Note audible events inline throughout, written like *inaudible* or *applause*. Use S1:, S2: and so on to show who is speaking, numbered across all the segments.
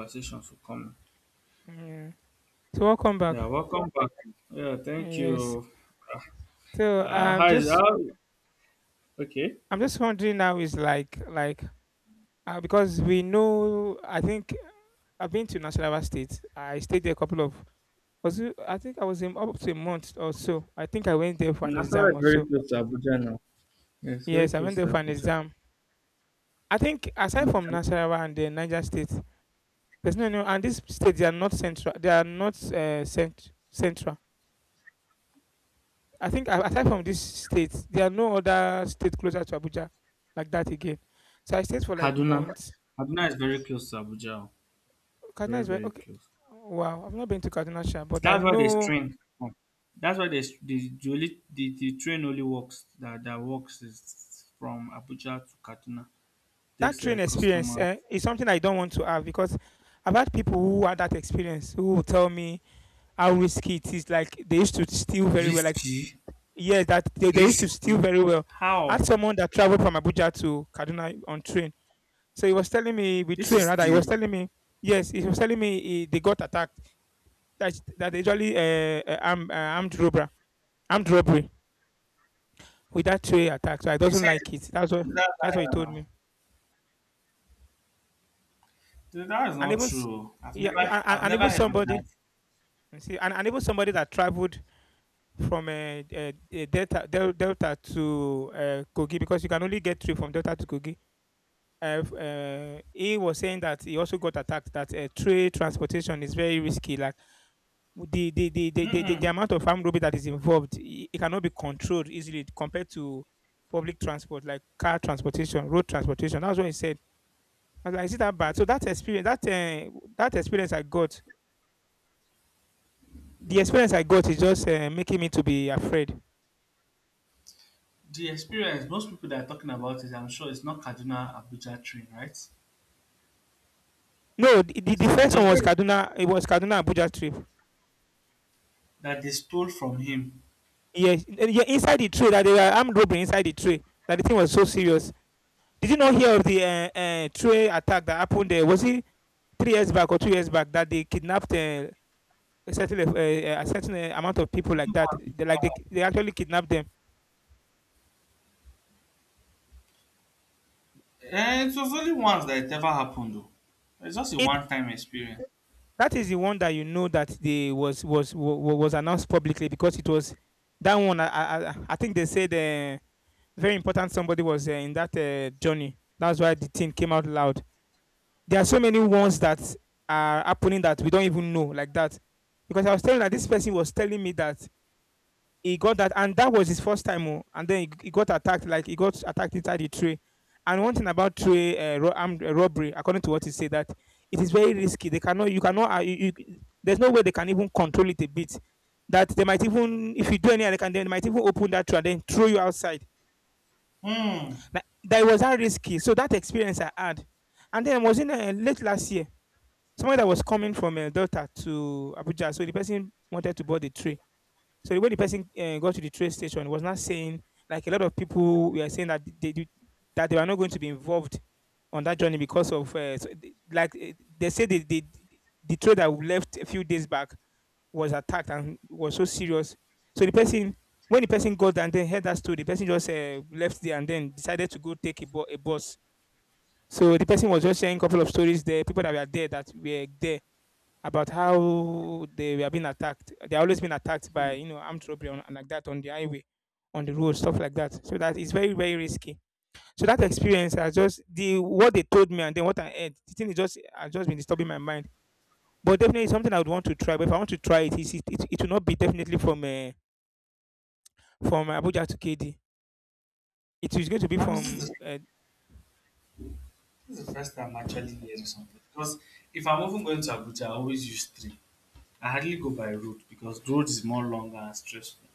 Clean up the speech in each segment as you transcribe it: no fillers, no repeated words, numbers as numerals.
S1: Conversation for come.
S2: Yeah. So welcome back.
S1: Yeah, welcome back. Yeah, thank
S2: Yes.
S1: you.
S2: So
S1: Uh,
S2: I'm
S1: how is
S2: just
S1: how? Okay,
S2: I'm just wondering now is like because we know, I think I've been to Nasarawa State. I stayed there a couple of, was it, I think I was in up to a month or so. I think I went there for an
S1: Nafara
S2: exam
S1: is
S2: or
S1: very
S2: so.
S1: close to Abuja now. Yes, very
S2: Yes, I went
S1: close
S2: there for
S1: to
S2: an
S1: Abuja.
S2: exam. I think aside from
S1: Okay.
S2: Nasarawa and the Niger State, there's no and these states, they are not central. They are not central. I think aside from this state, there are no other state closer to Abuja like that again. So I stayed for like
S1: Kaduna,
S2: months.
S1: Kaduna is very close to Abuja. Oh.
S2: Kaduna
S1: Very,
S2: is where,
S1: very
S2: okay.
S1: close.
S2: Wow, I've not been to Kaduna, sha, but I
S1: That's why there's
S2: know
S1: train. Come. That's why there's the train only works that works is from Abuja to Kaduna.
S2: that
S1: Takes
S2: train
S1: a
S2: experience,
S1: customer
S2: eh, is something I don't want to have because I've had people who had that experience who will tell me how risky it is. Like they used to steal very well. Like
S1: risky,
S2: yeah, that they used to steal
S1: risky.
S2: very well. I
S1: How?
S2: had someone that traveled from Abuja to Kaduna on train. So he was telling me with
S1: This
S2: train
S1: is
S2: rather. He
S1: still,
S2: was telling me yes. He was telling me he, they got attacked, that's that usually armed robbery with that two attack. So I
S1: he
S2: doesn't
S1: said
S2: like it.
S1: that
S2: That's what he told
S1: viral.
S2: me.
S1: That is
S2: And
S1: not
S2: even s-
S1: true. Oh. I've
S2: yeah, no,
S1: never
S2: and, and
S1: I've
S2: and
S1: never
S2: even
S1: heard of
S2: somebody,
S1: that.
S2: you see, and even somebody that traveled from Delta Delta to Kogi, because you can only get three from Delta to Kogi. He was saying that he also got attacked. That trade transportation is very risky. Like the
S1: Mm-mm.
S2: amount of armed robbery that is involved, it cannot be controlled easily compared to public transport, like car transportation, road transportation. That's what he said. I was like, is it that bad? So that experience that that experience I got the experience I got is just making me to be afraid.
S1: The experience, most people that are talking about it, I'm sure it's not Kaduna Abuja train, right?
S2: No, the
S1: It might
S2: first one
S1: just
S2: was
S1: be
S2: Kaduna. It was Kaduna Abuja trip.
S1: that they stole from him.
S2: Yes, eh, yeah, inside the tray, that they were armed robbery inside the tray, that the thing was so serious. Did you not hear of the tray attack that happened? There was it 3 years back or 2 years back that they kidnapped a certain level, a certain amount of people
S1: It's
S2: like
S1: only
S2: that.
S1: once it
S2: They like they,
S1: ever
S2: they actually kidnap them.
S1: happened. Eh, it was only once that it ever happened though. It's just a
S2: It
S1: one time experience.
S2: that is the one that you know that they was announced publicly, because it was that one. I think they said very important somebody was in that journey. That's why the thing came out loud. There are so many ones that are happening that we don't even know like that. Because I was telling that this person was telling me that he got that, and that was his first time. Oh, and then he got attacked, like he got attacked inside the tray. And one thing about tray armed robbery, according to what he said, that it is very risky. They cannot, you cannot, there's no way they can even control it a bit. That they might even, if you do any, they can, they might even open that tray and then throw you outside.
S1: Hmm.
S2: Like, that was that risky. So that experience I had, and then I was in late last year. Someone that was coming from Delta to Abuja, so the person wanted to board the train. So when the person got to the train station, he was not saying, like a lot of people were saying that they did, that they were not going to be involved on that journey because of so like eh, they said the train that we left a few days back was attacked and was so serious. So the person, when the person got there and then heard that story, the person just left there and then decided to go take a, a bus. So the person was just sharing a couple of stories there, people that were there about how they were being attacked. They always been attacked by,
S1: Hmm.
S2: you know, armed robbery on, and like that, on the highway, on the road, stuff like that. So that is very very risky. So that experience, I just the what they told me and then what I heard, the thing is just has just been disturbing my mind. But definitely it's something I would want to try. But if I want to try it, it will not be definitely from Abuja to KD. It is going to be
S1: I mean,
S2: from.
S1: this is the first time I'm actually hearing something. Because if I'm even going to Abuja, I always use train. I hardly go by road because road is more longer and stressful.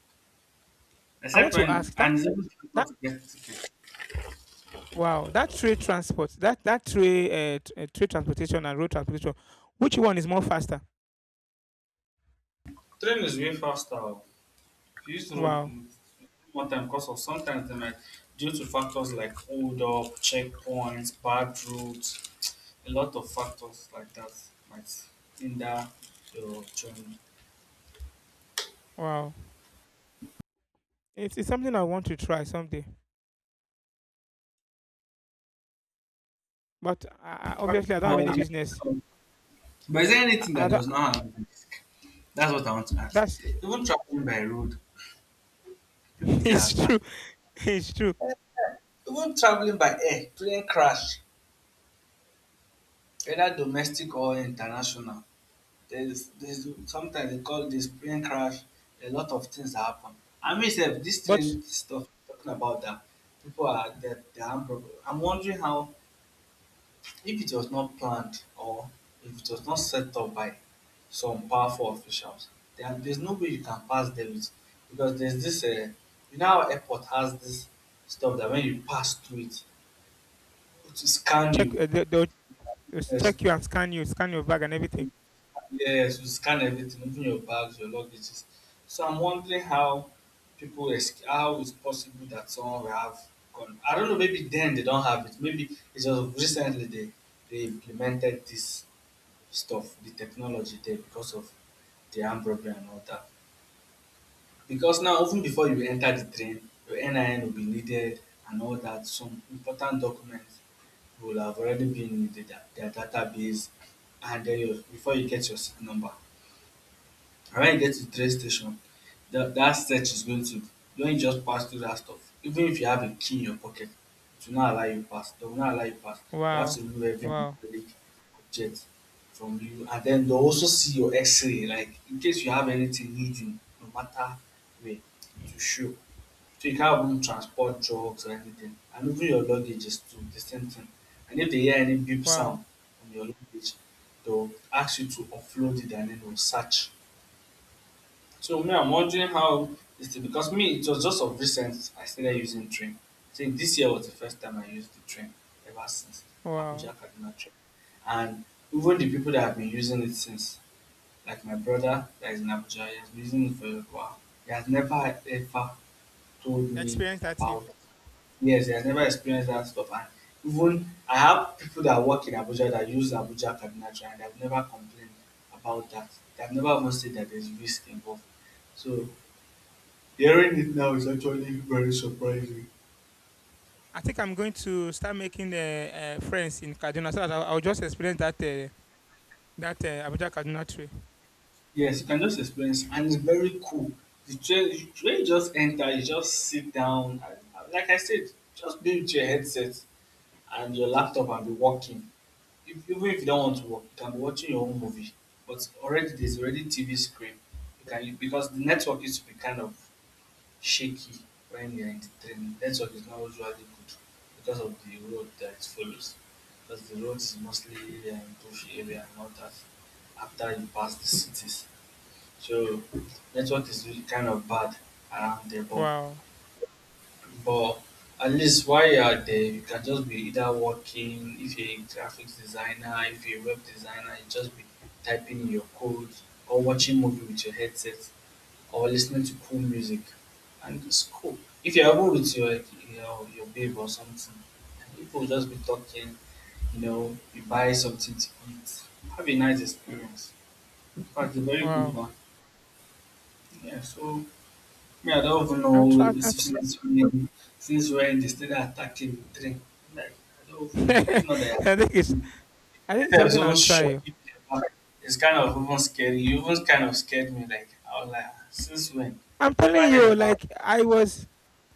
S2: I want
S1: Except
S2: to
S1: when
S2: ask
S1: and
S2: that
S1: it's even difficult
S2: that,
S1: to get ticket.
S2: wow, that trade transport, that that trade trade transportation and road transportation, which one is more faster?
S1: Train is way faster. If you use road
S2: Wow.
S1: you take more time because of sometimes they might, due to factors like hold up, checkpoints, bad roads, a lot of factors like that might hinder your journey.
S2: Wow. It's something I want to try someday. But
S1: But,
S2: obviously, I don't have any
S1: but,
S2: business.
S1: but is there anything
S2: I
S1: that
S2: don't-
S1: does not have risk? That's what I want to ask.
S2: that's
S1: Even traveling by road,
S2: *laughs*
S1: people get
S2: it's true.
S1: attacked.
S2: *laughs* It's true.
S1: Even traveling by air, plane crash, whether domestic or international, there's sometimes they call this plane crash. A lot of things happen. I mean, sef, this train
S2: But
S1: stuff talking about that people are that they have problem. I'm wondering how if it was not planned or if it was not set up by some powerful officials, there's no way you can pass them it because there's this. You know, how airport has this stuff that when you pass through it, it will scan
S2: check
S1: you.
S2: they, they'll just
S1: Yes,
S2: check you and scan you, scan your bag and everything.
S1: yes, we scan everything, even your bags, your luggages. So I'm wondering how people ex- how it's possible that someone will have gone? I don't know, maybe then they don't have it. Maybe it's just recently they implemented this stuff, the technology there because of the armed robbery and all that. Because now even before you enter the train, your NIN will be needed and all that. Some important documents will have already been in the, da- their database and then your, before you get your seat number. And when you get to train station, that, that search is going to, don't just pass through that stuff, even if you have a key in your pocket, it will not allow you pass. They will not allow you pass. You have
S2: Wow.
S1: to remove every
S2: Wow.
S1: metallic object from you. And then they'll also see your x-ray, like in case you have anything hidden, no matter where, it will show. So you can't even transport drugs or anything. And even your luggage is too, the same thing. And if they hear any beep
S2: Wow.
S1: sound on your luggage, they'll ask you to upload it and then they'll search so me, I'm wondering how this thing because me, it was just of recent I started using train. I think this year was the first time I used the train ever since
S2: Wow.
S1: Abuja Kaduna train. And even the people that have been using it since, like my brother that is in Abuja, he has been using it for a while. He has never ever told me
S2: Experience that thing.
S1: about yes, he has never experienced that stuff. And even I have people that work in Abuja that use Abuja Kaduna train and they've never complained about that. They've never even said that there's risk involved. So hearing it now is actually very surprising.
S2: I think I'm going to start making friends in Kaduna so that I'll just experience that that Abuja Kaduna tree.
S1: Yes, you can just experience, and it's very cool. The train just enter, you just sit down. And like I said, just be with your headset and your laptop and be working. If, even if you don't want to work, you can be watching your own movie. But already there's already TV screen. You can because the network used to be kind of shaky when you're in training. Network is not usually good because of the road that it follows. Because the road is mostly uh, bush area, not as after you pass the cities. So network is really kind of bad around there,
S2: Wow.
S1: but at least while you are there, you can just be either working. If you're a graphics designer, if you're a web designer, you just be typing your code or watching movie with your headset or listening to cool music. And it's cool. If you're ever with your, your babe or something, and people will just be talking, you know, you buy something to eat. Have a nice experience. In fact, a very good
S2: Wow.
S1: one. Yeah, so me, I don't even
S2: I'll
S1: know
S2: try.
S1: if
S2: I think.
S1: since when, since when they started attacking the train. Like, I don't
S2: *laughs*
S1: even know. It's not that
S2: I think it's I think it's
S1: that was
S2: something I'll
S1: even
S2: try.
S1: shocking. It's kind of even scary. You even kind of scared me. Like, I was like, since when?
S2: I'm
S1: Never
S2: telling
S1: heard
S2: you,
S1: about
S2: like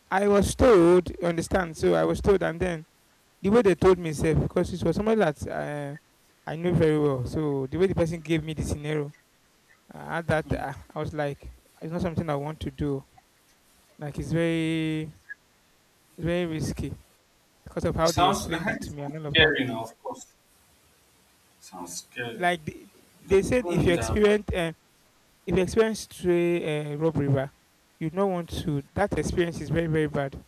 S2: I was told. You understand? So I was told, and then the way they told me, safe because it was somebody that I knew very well. So the way the person gave me the scenario, I had that.
S1: it.
S2: I was like, it's not something I want to do. Like it's very risky because of
S1: It
S2: how they
S1: sounds, I
S2: explained it
S1: heard
S2: to
S1: it
S2: me
S1: sounds
S2: and all of that.
S1: scary now, of course. It sounds scary.
S2: Like
S1: The
S2: they said,
S1: problem with that.
S2: if you experience stray rob river, you don't want to. That experience is very, very bad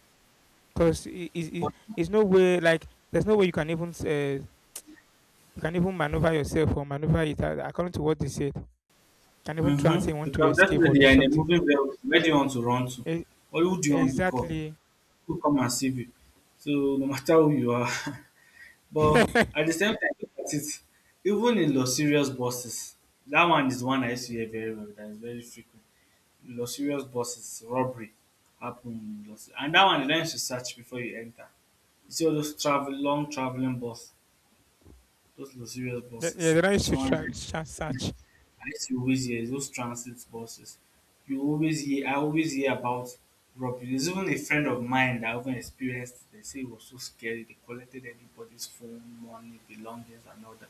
S2: because it's no way, like there's no way you can even maneuver yourself or maneuver it according to what they said. You can even try and
S1: Mm-hmm.
S2: say you want to
S1: Because
S2: escape or
S1: definitely
S2: do
S1: you're in a
S2: something.
S1: moving vehicle. Where do you want to run to?
S2: E-
S1: Or who do you want to call?
S2: exactly. *laughs*
S1: Who come and save you? So no matter who you are. *laughs* But at the same time, look at it. Even in Los Serious buses, that one is one I used to hear very well. That is very frequent. Los Serious buses, robbery happen in Los. And that one, you don't have to search before you enter. You see all those travel, long traveling bus. Those luxurious
S2: Yeah,
S1: buses.
S2: they don't used to
S1: Someone,
S2: try search.
S1: I used to always hear is those transit buses. You always hear I always hear about robbery. There's even a friend of mine that even experienced it. They say it was so scary. They collected everybody's phone, money, belongings and all that.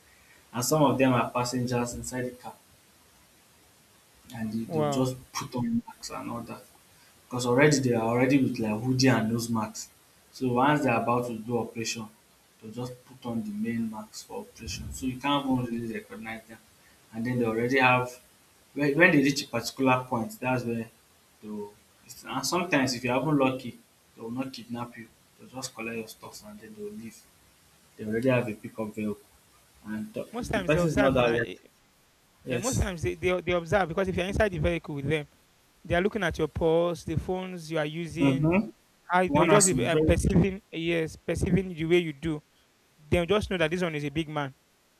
S1: And some of them are passengers inside the car and they, they'll
S2: Wow.
S1: just put on masks and all that. Because already they are already with like hoodie and nose mask. So once they're about to do operation, they'll just put on the main mask for operation. So you can't even really recognize them. And then they already have when they reach a particular point, that's where they'll and sometimes if you haven't lucky, they will not kidnap you. They'll just collect your stuff and then they'll leave. They already have a pickup vehicle. And
S2: Most
S1: the
S2: times they
S1: person is not
S2: observe
S1: that
S2: now,
S1: lucky.
S2: eh, yeah, most
S1: Yes.
S2: times they observe, because if you're inside the vehicle with them, they are looking at your pulse, the phones you are using.
S1: Mm-hmm.
S2: I they'll
S1: One
S2: just
S1: has to
S2: be
S1: be very
S2: perceiving the way you do. They'll just know that this one is a big man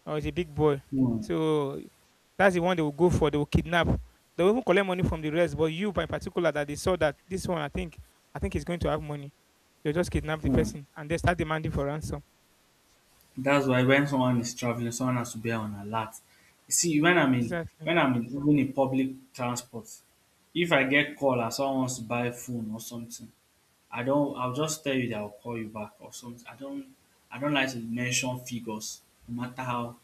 S2: or is a big boy.
S1: hmm.
S2: So that's the one they will go for. They will kidnap. They will even collect money from the rest. But you, by particular, that they saw that this one, I think is going to have money. They'll just kidnap the
S1: Hmm.
S2: person and they start demanding for ransom.
S1: That's why when someone is traveling, someone has to be on alert. You see, when I'm in
S2: Exactly.
S1: when I'm in, even in public transport, if I get call and someone wants to buy phone or something, I don't I'll just tell you that I'll call you back or something. I don't like to mention figures no matter how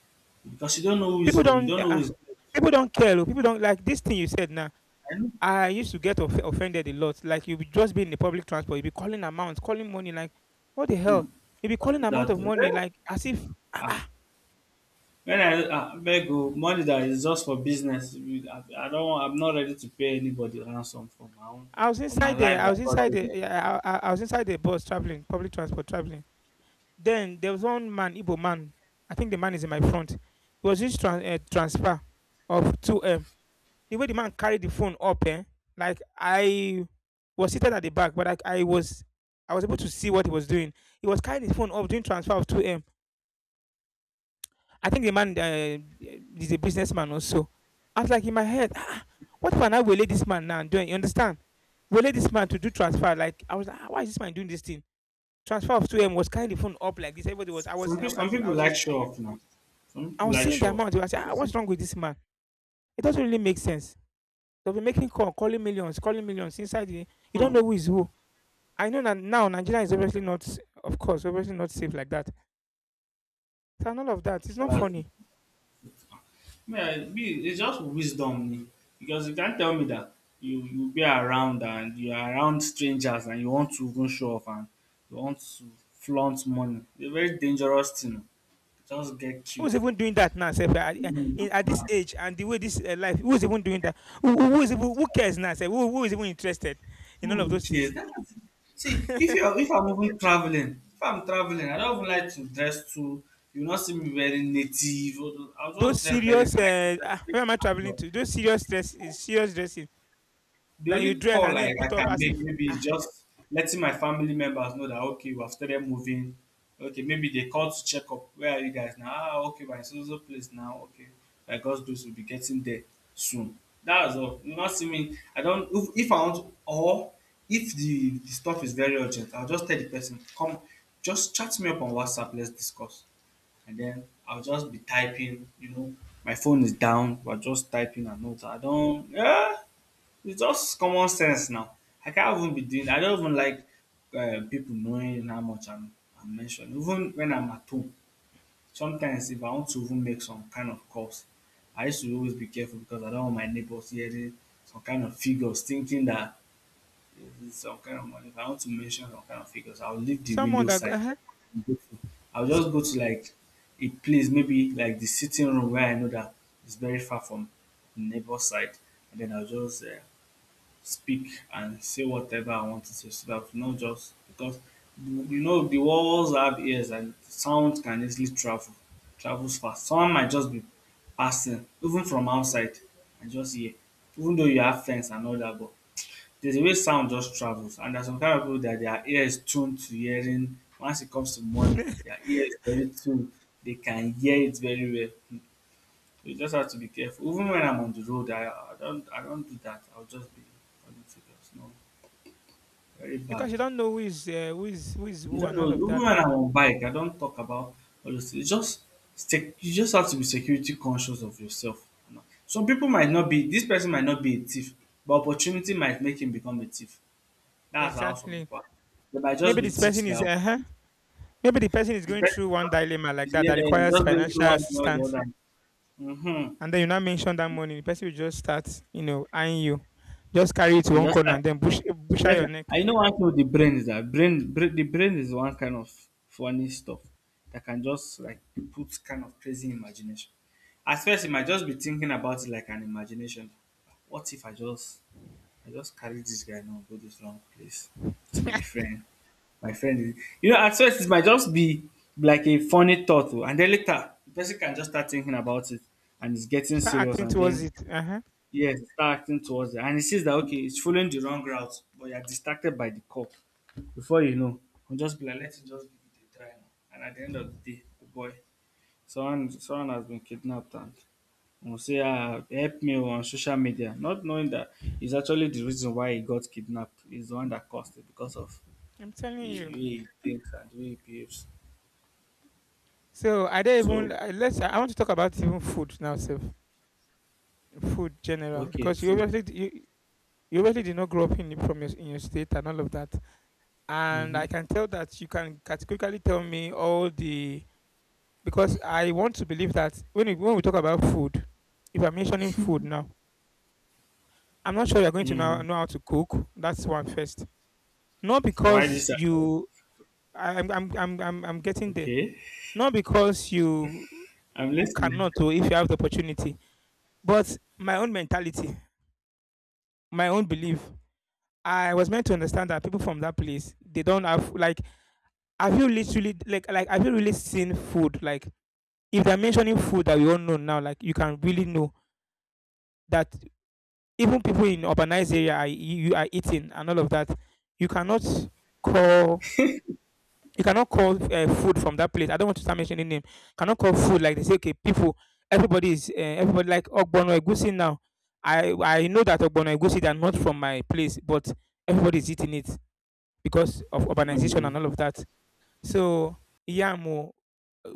S1: because
S2: People
S1: you
S2: don't.
S1: don't know who is who.
S2: People don't care, oh. People don't like this thing you said now.
S1: I know
S2: I used to get offended a lot. Like you just be in the public transport, you be calling amounts, calling money. Like what the
S1: hmm,
S2: hell? You be calling amount
S1: that
S2: of money
S1: eh,
S2: like as if
S1: ah. When I abeg o, money that is just for business, you- I do don I'm not ready to pay anybody ransom for my own, for my life
S2: I
S1: na
S2: was
S1: God
S2: inside
S1: give
S2: the,
S1: me.
S2: yeah, I was inside the bus traveling, public transport traveling. Then there was one man, Igbo man. I think the man is in my front. It was just transfer of 2M. The way the man carried the phone up, eh, like I was seated at the back, but I was able to see what he was doing. He was carrying his phone up doing transfer of 2M. I think the man is a businessman also. I was like in my head, ah, what if I now relay this man now and doing? You understand? Relay this man to do transfer. Like I was like, ah, why is this man doing this thing? Transfer of 2M was carrying the phone up like this. Everybody was I was in, I
S1: Some
S2: was I
S1: people like
S2: was,
S1: show off now, some
S2: I
S1: people
S2: was
S1: like
S2: seeing the
S1: show off.
S2: amount. I was like,
S1: You
S2: ah,
S1: see,
S2: what's wrong with this man? It doesn't really make sense. They'll be making call, calling millions inside the, you don't know
S1: um,
S2: who is who. I know that now Nigeria is obviously not, of course, obviously not safe like that. So none of that. It's not
S1: dats
S2: funny.
S1: me, I me it's just wisdom me because you can't tell me that you be around and you are around strangers and you want to even show off and you want to flaunt money. It's a very dangerous thing. Just get
S2: Who's
S1: killed for
S2: even doing that now? Sef, at, eh, at this age and the way this life, who's even doing that? Who is even, who cares now? Sef? Who is even interested in all of
S1: food,
S2: those things?
S1: yes. That is, see, if you're if I'm even traveling, if I'm traveling, I don't even like to dress too. You not see me very native. Or- I'll
S2: *laughs* those
S1: just dress very
S2: serious, where am I traveling
S1: casual.
S2: to? Those serious dress, serious dressing
S1: The
S2: that you
S1: only
S2: dress and
S1: call
S2: then
S1: I
S2: put up
S1: can
S2: as if
S1: make maybe is
S2: ah,
S1: just letting my family members know that okay, we have started moving. Okay, maybe they call to check up. Where are you guys now? Ah, okay, we're in so so place now. Okay, by God's grace, we'll be getting there soon. That's all. You not see me. I don't. If I want, or if the, the stuff is very urgent, I'll just tell the person, come, just chat me up on WhatsApp. Let's discuss. And then I'll just be typing. You know, my phone is down. We're just typing a note. I don't. Yeah. It's just common sense now. I can't even be doing. I don't even like people knowing how much I'm mentioning. Even when I'm at home, sometimes if I want to even make some kind of calls, I used to always be careful because I don't want my neighbors hearing some kind of figures, thinking that it's some kind of money. If I want to mention some kind of figures, I'll leave the window side.
S2: uh-huh.
S1: I'll
S2: S-
S1: just go to like a place, maybe like the sitting room where I know that it's very far from the neighbor's side, and then I'll just speak and say whatever I want to say, so that, not just because, you know, the walls have ears and sound can easily travels fast. Someone might just be passing even from outside and just hear, even though you have fence and all that, but there's a way sound just travels, and there's some kind of people that their ear is tuned to hearing. Once it comes to money,
S2: *laughs*
S1: their ear is very tuned, they can hear it very well. You just have to be careful. Even when I'm on the road, I don't do that. I'll just be all the figures. No, very bad.
S2: because you don't know who is
S1: You
S2: who
S1: don't
S2: and
S1: know.
S2: all of
S1: Even when
S2: that.
S1: I'm on bike, I don't talk about all those things. Just stick. You just have to be security conscious of yourself. You know, some people might not be. This person might not be a thief, but opportunity might make him become a thief. That's how some
S2: Exactly.
S1: people are. They might
S2: Maybe
S1: just be
S2: this
S1: thieves
S2: person is
S1: by
S2: uh huh. Maybe the person is
S1: the
S2: going
S1: person.
S2: through one dilemma like
S1: Is just,
S2: that
S1: yeah,
S2: that
S1: he's
S2: requires
S1: just going through
S2: financial
S1: one thing or the
S2: assistance
S1: other. Mm-hmm.
S2: and then you now mention that money, the person will just start, you know, eyeing you. Just carry it to
S1: I
S2: one
S1: just
S2: corner
S1: like,
S2: and then bush bush out
S1: yes,
S2: your neck.
S1: I know one thing with the brain is that brain, brain the brain is one kind of funny stuff that can just like put kind of crazy imagination. At first, it might just be thinking about it like an imagination. What if I just carry this guy now, go this wrong place? It's my friend. My friend is, you know, at first it might just be like a funny thought. Oh, and then later the person can just start thinking about it and it's getting
S2: Start
S1: serious,
S2: acting
S1: and
S2: towards
S1: then
S2: it. Uh-huh.
S1: yes, start acting towards it. And he sees that, okay, it's following the wrong route, but you're distracted by the cop. Before you know, I'll just be like, let him just give it a try now. And at the end of the day, the boy, someone has been kidnapped, and will say, ah, help me on social media, not knowing that it's actually the reason why he got kidnapped. He's the one that caused it because of
S2: I'm
S1: the
S2: telling you.
S1: way he thinks and the way he behaves.
S2: So I don't
S1: So
S2: even I- let's. I want to talk about even food now, self food general
S1: okay,
S2: because
S1: free.
S2: you obviously did not grow up in the- from your in your state and all of that. And
S1: Mm-hmm.
S2: I can tell that you can categorically tell me all the because I want to believe that when we talk about food, if I'm mentioning food now I'm not sure you're going to
S1: Mm.
S2: know how to cook. That's one first. Not
S1: Why
S2: because
S1: this?
S2: you, I, I'm getting there.
S1: Okay,
S2: Not because you,
S1: I'm
S2: you
S1: listening.
S2: cannot, or if you have the opportunity. But my own mentality, my own belief. I was meant to understand that people from that place, they don't have like. Have you literally Have you really seen food? Like if they're mentioning food that we all know now, like you can really know that even people in urbanized area are you are eating and all of that. You cannot call you cannot call food from that place. I don't want to start mentioning name. Cannot call food like they say. Okay, people, everybody is everybody like Ogbono Egusi now. I know that Ogbono Egusi they are not from my place, but everybody is eating it because of urbanization
S1: Mm-hmm.
S2: and all of that. So yam, oh,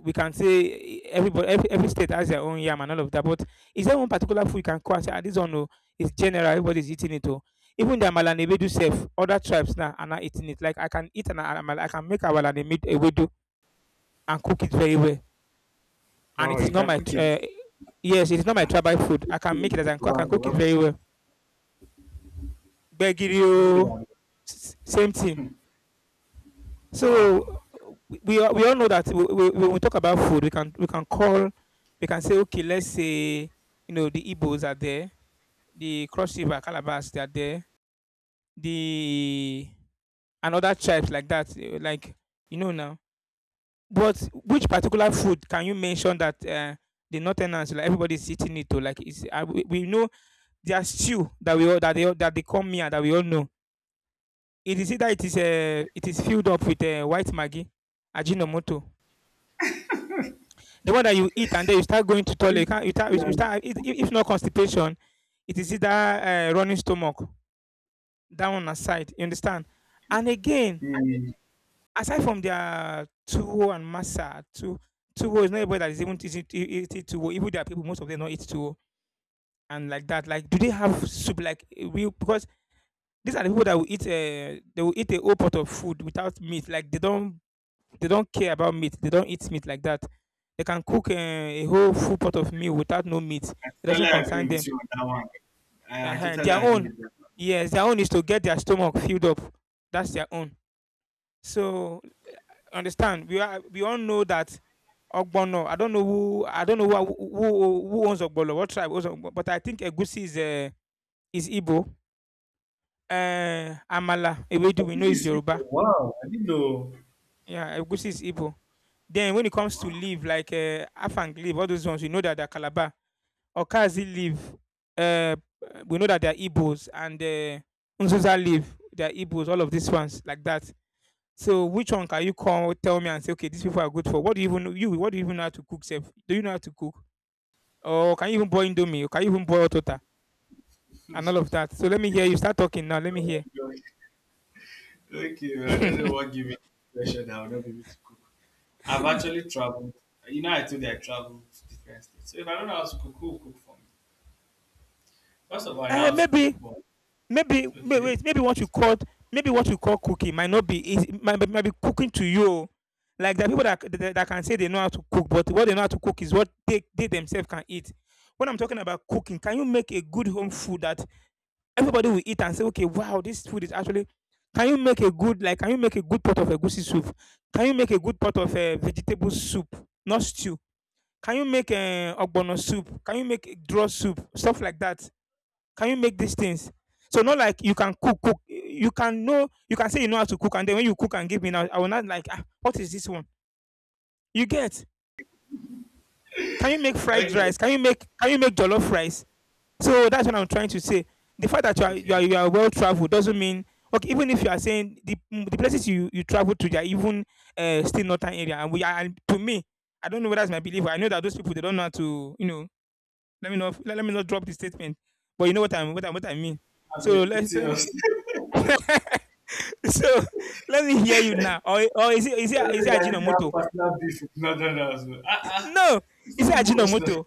S2: we can say everybody every state has their own yam and all of that. But is there one particular food you can call and say, ah, this one oh, it's general. Everybody is eating it. Oh. Even the Amala and Ewedu self, other tribes now are not eating it. Like I can eat an Amala, I can make Amala and Ewedu and cook it very well. And it
S1: Wow,
S2: is
S1: you
S2: not
S1: can
S2: my
S1: cook
S2: tr-
S1: it.
S2: yes, it is not my
S1: Ah,
S2: tribal food. I can make it as I can,
S1: Yoruba
S2: I can cook it
S1: jollof,
S2: very well.
S1: even
S2: Begirio,
S1: without-
S2: s- same thing. So
S1: wow.
S2: we all know that when we talk about food, we can call, we can say okay, let's say you know the Igbos are there, the Cross River Calabas they are there, the another other tribes like that, like you know now. But which particular food can you mention that, the northerners, like, everybody's eating it oh, like it's we know their stew that we all that they come here that we all know. It is either it is filled up with, white maggi, ajinomoto, the one that you eat and then you start going to toilet, you can't
S1: Yeah.
S2: you start if not constipation, it is either, running stomach, that one aside, you understand? And again
S1: Hmm,
S2: aside from their tuwo and masa, tu tuwo is not everybody that is even eating eating tuwo. Even there are people, most of them don't eat tuwo and like that. Like, do they have soup? Like, real because these are the people that will eat. They will eat a whole pot of food without meat. Like, they don't care about meat. They don't eat meat like that. They can cook a whole full pot of meal without no meat.
S1: I
S2: It
S1: totally
S2: doesn't concern
S1: agree
S2: them.
S1: with you on that one. I,
S2: Uh
S1: I
S2: huh.
S1: totally
S2: Their
S1: agree
S2: own,
S1: with that.
S2: yes, their own is to get their stomach filled up. That's their own. So understand we all know that ogbono. I don't know who I don't know who owns ogbono, what tribe owns ogbono, but I think egusi is Igbo. Amala Ewedu
S1: But
S2: we
S1: this
S2: know is
S1: is
S2: Yoruba.
S1: simple. Wow. I didn't know.
S2: Yeah, egusi is Igbo. Then when it comes to
S1: Wow.
S2: leaf like afang leaf, all those ones we know that they're Calabar. Okazi leaf, uh, we know that they're Igbos. And nzuza leaf, they're Igbos, all of these ones like that. So which one can you call, tell me and say, okay, these people are good for? What do you even know? You, what do you even know how to cook, Seth? Do you know how to cook? Or can you even boil Indomie? Or can you even boil Tota? And all of that. So let me hear you start talking now. Let me
S1: Oh
S2: hear.
S1: my gosh. Okay,
S2: *laughs*
S1: I don't know
S2: uh,
S1: what gave me the impression that I would not be able to cook. I've actually traveled. You know, I told you I traveled to different states. So if I don't know how to cook, who will cook for me? First of all, I know how to cook,
S2: maybe,
S1: but okay,
S2: maybe what you called, maybe what you call cooking might not be, easy, might be cooking to you. Like there are people that, that can say they know how to cook, but what they know how to cook is what they themselves can eat. When I'm talking about cooking, can you make a good home food that everybody will eat and say, okay, wow, this food is actually. Can you make a good like? Can you make a good pot of egusi soup? Can you make a good pot of vegetable soup, not stew? Can you make a ogbono soup? Can you make a draw soup? Stuff like that. Can you make these things? So not like you can cook, cook. You can know, you can say you know how to cook, and then when you cook and give me now, I will not like. Ah, what is this one? You get? Can you make fried
S1: okay,
S2: rice? Can you make? Can you make jollof rice? So that's what I'm trying to say. The fact that
S1: okay.
S2: you are well traveled doesn't mean okay. Even if you are saying the mm, the places you travel to, they are even still northern area, and we are and to me, I don't know whether it's my belief. But I know that those people they don't know how to you know. Let me not drop the statement, but you know what I mean.
S1: I'm a
S2: So
S1: bit
S2: let's
S1: serious. *laughs*
S2: *laughs* so let me hear you now. Or is it is it is it
S1: Nigerian
S2: Ajinomoto?
S1: partner beef with northern husband. Ah ah,
S2: No,
S1: it's
S2: is it
S1: too much now.
S2: Ajinomoto?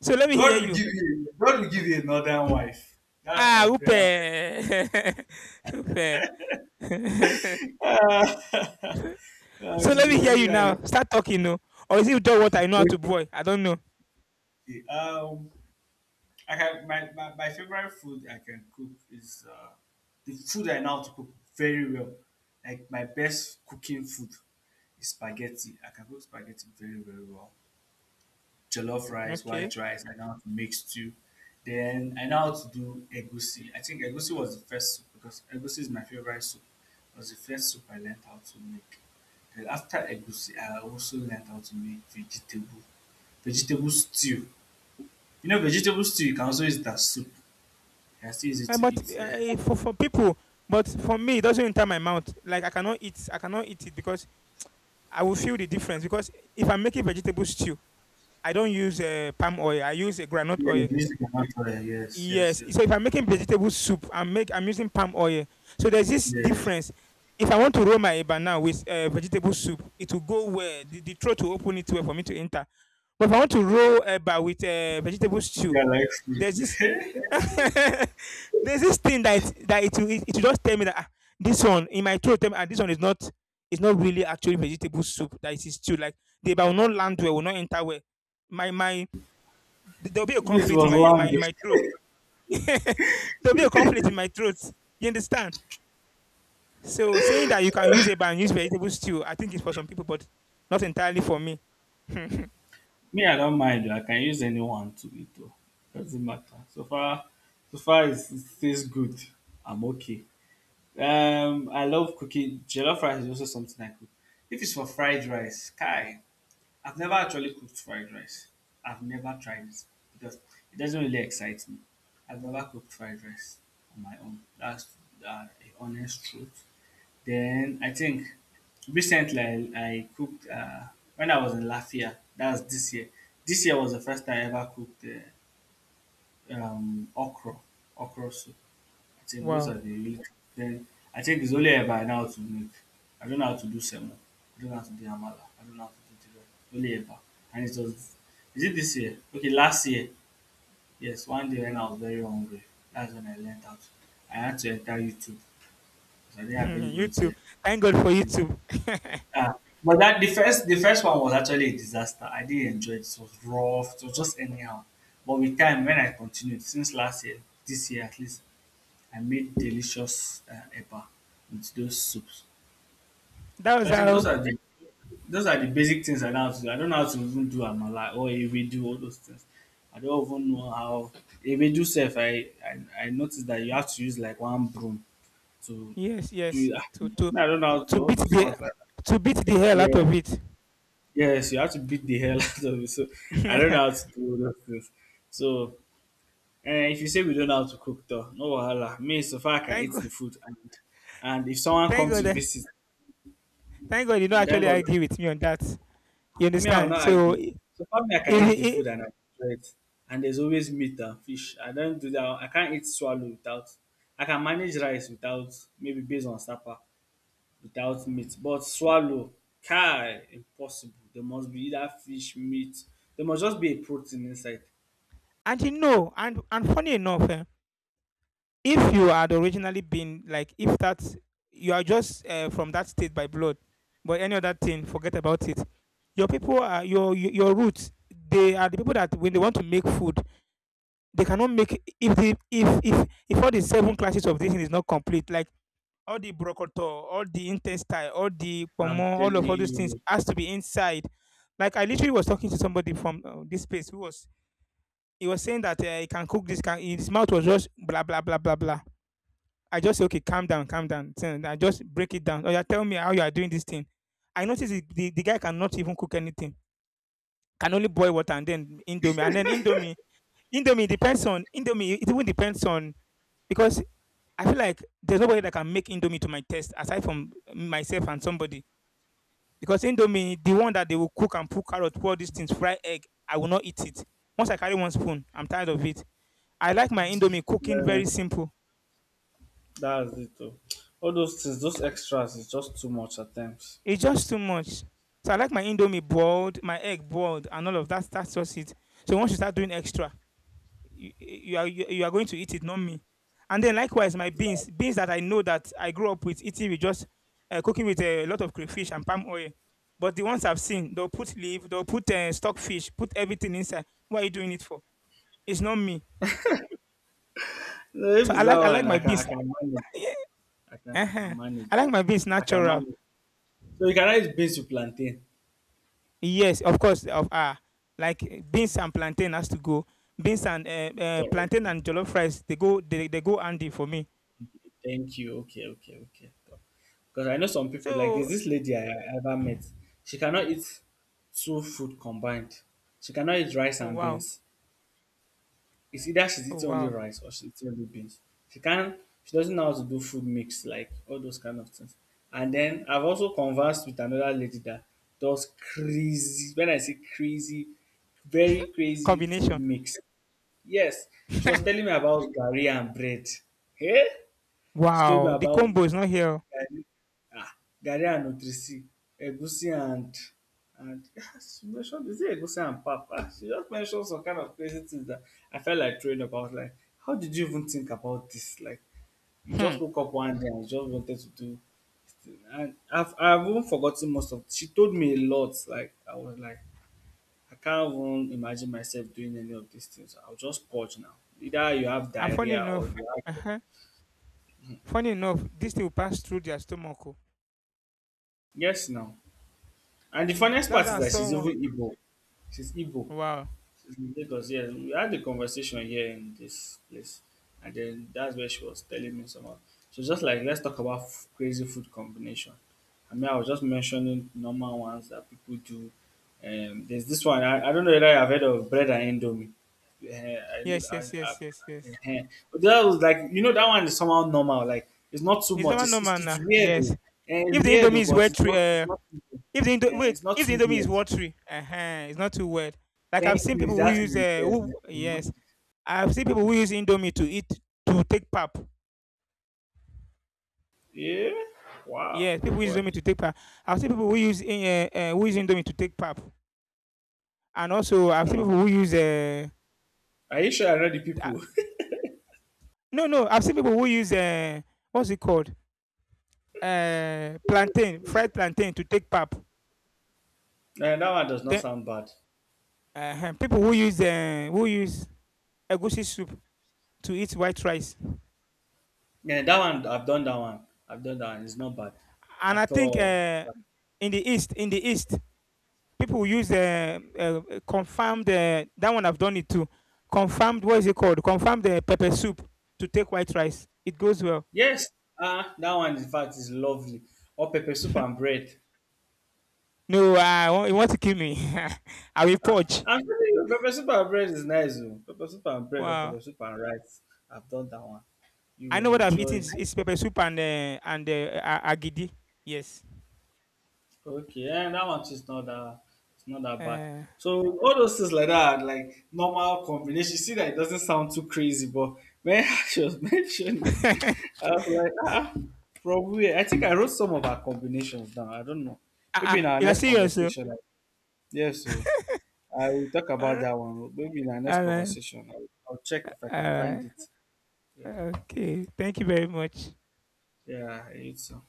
S2: So let me hear
S1: God will
S2: you.
S1: give you. God will give you a northern wife. That's
S2: Ah,
S1: my
S2: upe,
S1: prayer.
S2: *laughs* upe. *laughs*
S1: Ah, *laughs* it will
S2: So let
S1: be
S2: me hear
S1: very
S2: you
S1: nice.
S2: now. Start talking, no? Or is it just what I know how to
S1: Okay.
S2: boil? I don't know.
S1: Um, I can, my favorite food I can cook is the food I know how to cook very well. Like my best cooking food is spaghetti. I can cook spaghetti very very well. Jollof rice,
S2: Okay.
S1: white rice. I know how to make stew. Then I know how to do egusi. I think egusi was the first soup, because egusi is my favorite soup. It was the first soup I learned how to make. Then after egusi, I also learned how to make vegetable stew. You know, vegetable stew, you can also use that soup. You can still use it
S2: Eh,
S1: to
S2: but
S1: eat.
S2: for people, but for me, it doesn't enter my mouth. Like I cannot eat. I cannot eat it because I will feel the difference. Because if I'm making vegetable stew, I don't use palm oil. I use a granite
S1: Yeah, you
S2: oil.
S1: use it as natural. Yes, yes,
S2: Yes.
S1: yes.
S2: So if I'm making vegetable soup, I'm using palm oil. So there's this
S1: Yeah,
S2: difference. If I want to roll my eba now with vegetable soup, it will go where the throat will open it well for me to enter. But if I want to roll eba with vegetable stew,
S1: yeah, like food.
S2: there's this *laughs* there's this thing that it will just tell me that ah, this one in my throat tell me ah, this one is not really actually vegetable soup that it is stew like the eba will not land well will not enter well. My there'll be a
S1: If
S2: conflict
S1: was land,
S2: in my throat. *laughs* There'll be a conflict in my throat. You understand? So saying that you can use a and use vegetable stew, I think it's for some people, but not entirely for me. *laughs*
S1: me I don't mind oh, I can use anyone to eat oh, doesn't matter. So far it's, it tastes good, I'm okay. I love cooking. Jollof rice is also something I cook. If it's for fried rice, kai, I've never actually cooked fried rice. I've never tried it because it doesn't really excite me. I've never cooked fried rice on my own. That's the honest truth. Then I think recently I cooked when I was in Latvia. That was this year. This year was the first time I ever cooked okra, okra soup. I think those are
S2: Wow.
S1: the really. Then I think it's only ever I know how to make. I don't know how to do semo. I don't know how to do amala. I don't know how to do jollof. Only ever. And it was, is it this year? Okay, last year. Yes, one day when I was very hungry, that's when I learned how to. I had to enter YouTube because I didn't have
S2: *laughs* You
S1: anywhere
S2: too.
S1: to
S2: Thank God for you
S1: do.
S2: too. *laughs*
S1: Yeah, but that, the first one was actually a disaster. I didn't enjoy it. It was rough. It was just anyhow. But with time, when I continued since last year, this year at least, I made delicious eba with those soups.
S2: That was
S1: So I think those
S2: how.
S1: are the, those are the basic things I know how to do. I don't know how to even do amala or ewedu, all those things. I don't even know how, ewedu self. I noticed that you have to use like one broom to
S2: Yes, yes.
S1: do it. *laughs* I don't know how to
S2: To
S1: do all
S2: beat
S1: those
S2: the
S1: ones like that.
S2: to beat the hell out
S1: Yeah.
S2: of it.
S1: Yes, you have to beat the hell *laughs* out of it. So I don't know how
S2: *laughs*
S1: to do all those things. So eh, if you say we don't know how to cook though, no wahala. Me so far I can
S2: Thank
S1: eat
S2: God.
S1: the food, and if someone
S2: Thank
S1: comes
S2: God.
S1: to
S2: Eh,
S1: visit,
S2: thank God. You don't
S1: thank
S2: actually
S1: God,
S2: argue with me on that. You
S1: me I will
S2: understand?
S1: not
S2: So
S1: argue. So far me I can
S2: i
S1: eat the
S2: i-
S1: food and I enjoy it. And there's always meat and fish. I don't do that. I can't eat swallow without, I can manage rice without, maybe based on supper without meat. But swallow, kai impossible. There must be either fish, meat. There must just be a protein inside.
S2: and you know, and funny enough, if you had originally been like if that you are just from that state by blood, but any other thing forget about it, your people are your roots, they are the people that when they want to make food they cannot make if the if all the seven classes of this thing is not complete, like all the brocoto, all the intestine, all the
S1: I'm
S2: pomo, all
S1: telling
S2: of all those things
S1: you,
S2: has to be inside, like I literally was talking to somebody from this place who was he was saying that he can cook this can, his mouth was just blah blah blah blah blah. I just say, okay, calm down, calm down. I just break it down. Oh, yeah, tell me how you are doing this thing. I notice the guy cannot even cook anything, can only boil water and then indomie. And then indomie, indomie, it even depends on, because I feel like there's nobody that can make indomie to my taste aside from myself and somebody. Because indomie, the one that they will cook and put carrot, pour these things, fry egg, I will not eat it. Once I carry one spoon, I'm tired of it. I like my indomie cooking very simple.
S1: that's it. Oh. All those things, those extras, is just too much at times.
S2: It's just too much. So I like my indomie boiled, my egg boiled, and all of that. That's just it. So once you start doing extra, you are going to eat it, not me. And then likewise, my beans, beans that I know that I grew up with eating with just cooking with a lot of crayfish and palm oil. But the ones I've seen, they'll put leaf, they'll put stockfish, put everything inside. What are you doing it for? It's not me.
S1: No, if
S2: So
S1: it's that
S2: I like
S1: one,
S2: my
S1: I
S2: beans. *laughs*
S1: can manage.
S2: Yeah,
S1: I
S2: uh-huh.
S1: can
S2: I
S1: manage. Oh.
S2: like my beans
S1: I can
S2: natural.
S1: manage. So you can eat beans with plantain.
S2: Yes, of course. Of like eh, beans and plantain has to go. Beans and
S1: So,
S2: plantain
S1: okay.
S2: and jollof rice they go handy for me.
S1: Thank you. Okay, okay, okay. Because I know some people, like there's
S2: So
S1: this lady I ever met. She cannot eat two food combined. She cannot eat rice
S2: oh
S1: and
S2: wow,
S1: beans. It's either she's
S2: oh
S1: eating only
S2: wow,
S1: rice or she's eating only beans. She can't, she doesn't know how to do food mix, like all those kind of things. And then I've also conversed with another lady that does crazy, when I say crazy, very crazy food
S2: combination.
S1: mix. Yes. She was
S2: *laughs*
S1: telling me about gari and bread. Hey? She told me
S2: Wow, the
S1: about
S2: combo is not here. Oh.
S1: garri, um garri and nutric, egusi and yes, she mention, is it egusi and pap, she just mentioned some kind of crazy things that I felt like throwing up. I was like, how did you even think about this? Like, you just
S2: Hmm.
S1: woke up one day and you just wanted to do this thing. And I've even forgotten most of, she told me a lot, like I was like, I can't even imagine myself doing any of these things. I'll just purge now. Either you have
S2: And funny
S1: diarrhea or you
S2: enough,
S1: have,
S2: uh-huh. Funny enough, this thing will pass through their stomach. Oh.
S1: yes now. And the funniest part
S2: That's how
S1: is
S2: I
S1: that
S2: saw
S1: she's
S2: one.
S1: even Igbo. She's Igbo.
S2: Wow.
S1: In Lagos, yeah, we had a conversation here in this place, and then that's where she was telling me some of. So just like, let's talk about crazy food combination. I mean, I was just mentioning normal ones that people do. There's this one. I don't know whether I've heard of bread and indomie. Eh, I know
S2: Yes,
S1: that I,
S2: yes, yes, yes,
S1: I've,
S2: yes.
S1: eh, but that was like, you know, that one is somehow normal. Like it's not too
S2: It's
S1: much.
S2: normal,
S1: It's it's,
S2: normal
S1: it's
S2: now.
S1: weird though.
S2: Yes.
S1: Eh, it's
S2: If the
S1: weird
S2: indomie
S1: though,
S2: is
S1: but
S2: well
S1: it's not
S2: tre-
S1: it's not too,
S2: If the Indo- wait,
S1: it's not
S2: If the
S1: too
S2: Indomie is
S1: weird.
S2: watery, uh-huh, it's not too wet. Like I've
S1: Thank
S2: seen
S1: you.
S2: people who
S1: That's
S2: use
S1: yes.
S2: who yes, I've seen people who use Indomie to take pap.
S1: Yeah. Wow.
S2: Yes, people
S1: Oh,
S2: who use
S1: boy.
S2: Indomie to take pap. I've seen people who use Indomie to take pap, and also I've seen
S1: Hmm.
S2: people who use
S1: Are you sure I know the
S2: uh,
S1: people? *laughs*
S2: no no I've seen people who use what's it called plantain fried plantain to take pap.
S1: Eh, that one does not
S2: Then
S1: sound bad.
S2: people who use egusi soup to eat white rice.
S1: Yeah, that one I've done that one. I've done that one. It's not bad
S2: And I
S1: at
S2: think
S1: all.
S2: in the east, people use confirmed. That one I've done it too. Confirmed. What is it called? Confirmed the pepper soup to take white rice. It goes well.
S1: Yes. Ah, that one in fact is lovely. Or pepper soup and
S2: *laughs*
S1: bread.
S2: No, you want to kill me. *laughs* I will
S1: Ah,
S2: purge.
S1: I'm telling you, pepper soup and bread is nice. Oh. Pepper soup and bread or
S2: Wow.
S1: pepper soup and rice. I've done that one. You
S2: I
S1: will
S2: know what I've eaten
S1: enjoy it.
S2: is pepper soup and agidi. Yes.
S1: Okay, yeah, that one too is not that, it's not that bad.
S2: Uh,
S1: So all those things like that, are like normal combination. You see that it doesn't sound too crazy, but when *laughs* she was
S2: *laughs*
S1: mentioning,
S2: uh-uh.
S1: I was like, ah, probably. I think I wrote some of our combinations down. I don't know. Maybe in our
S2: You are
S1: next
S2: serious. Oh?
S1: conversation, like, yeah. So I will talk
S2: All
S1: about
S2: right.
S1: that one. Maybe in our next
S2: All right.
S1: conversation, I'll check if I
S2: All
S1: can find
S2: right.
S1: it. Yeah,
S2: Okay. Thank you very much.
S1: yeah, I hate so.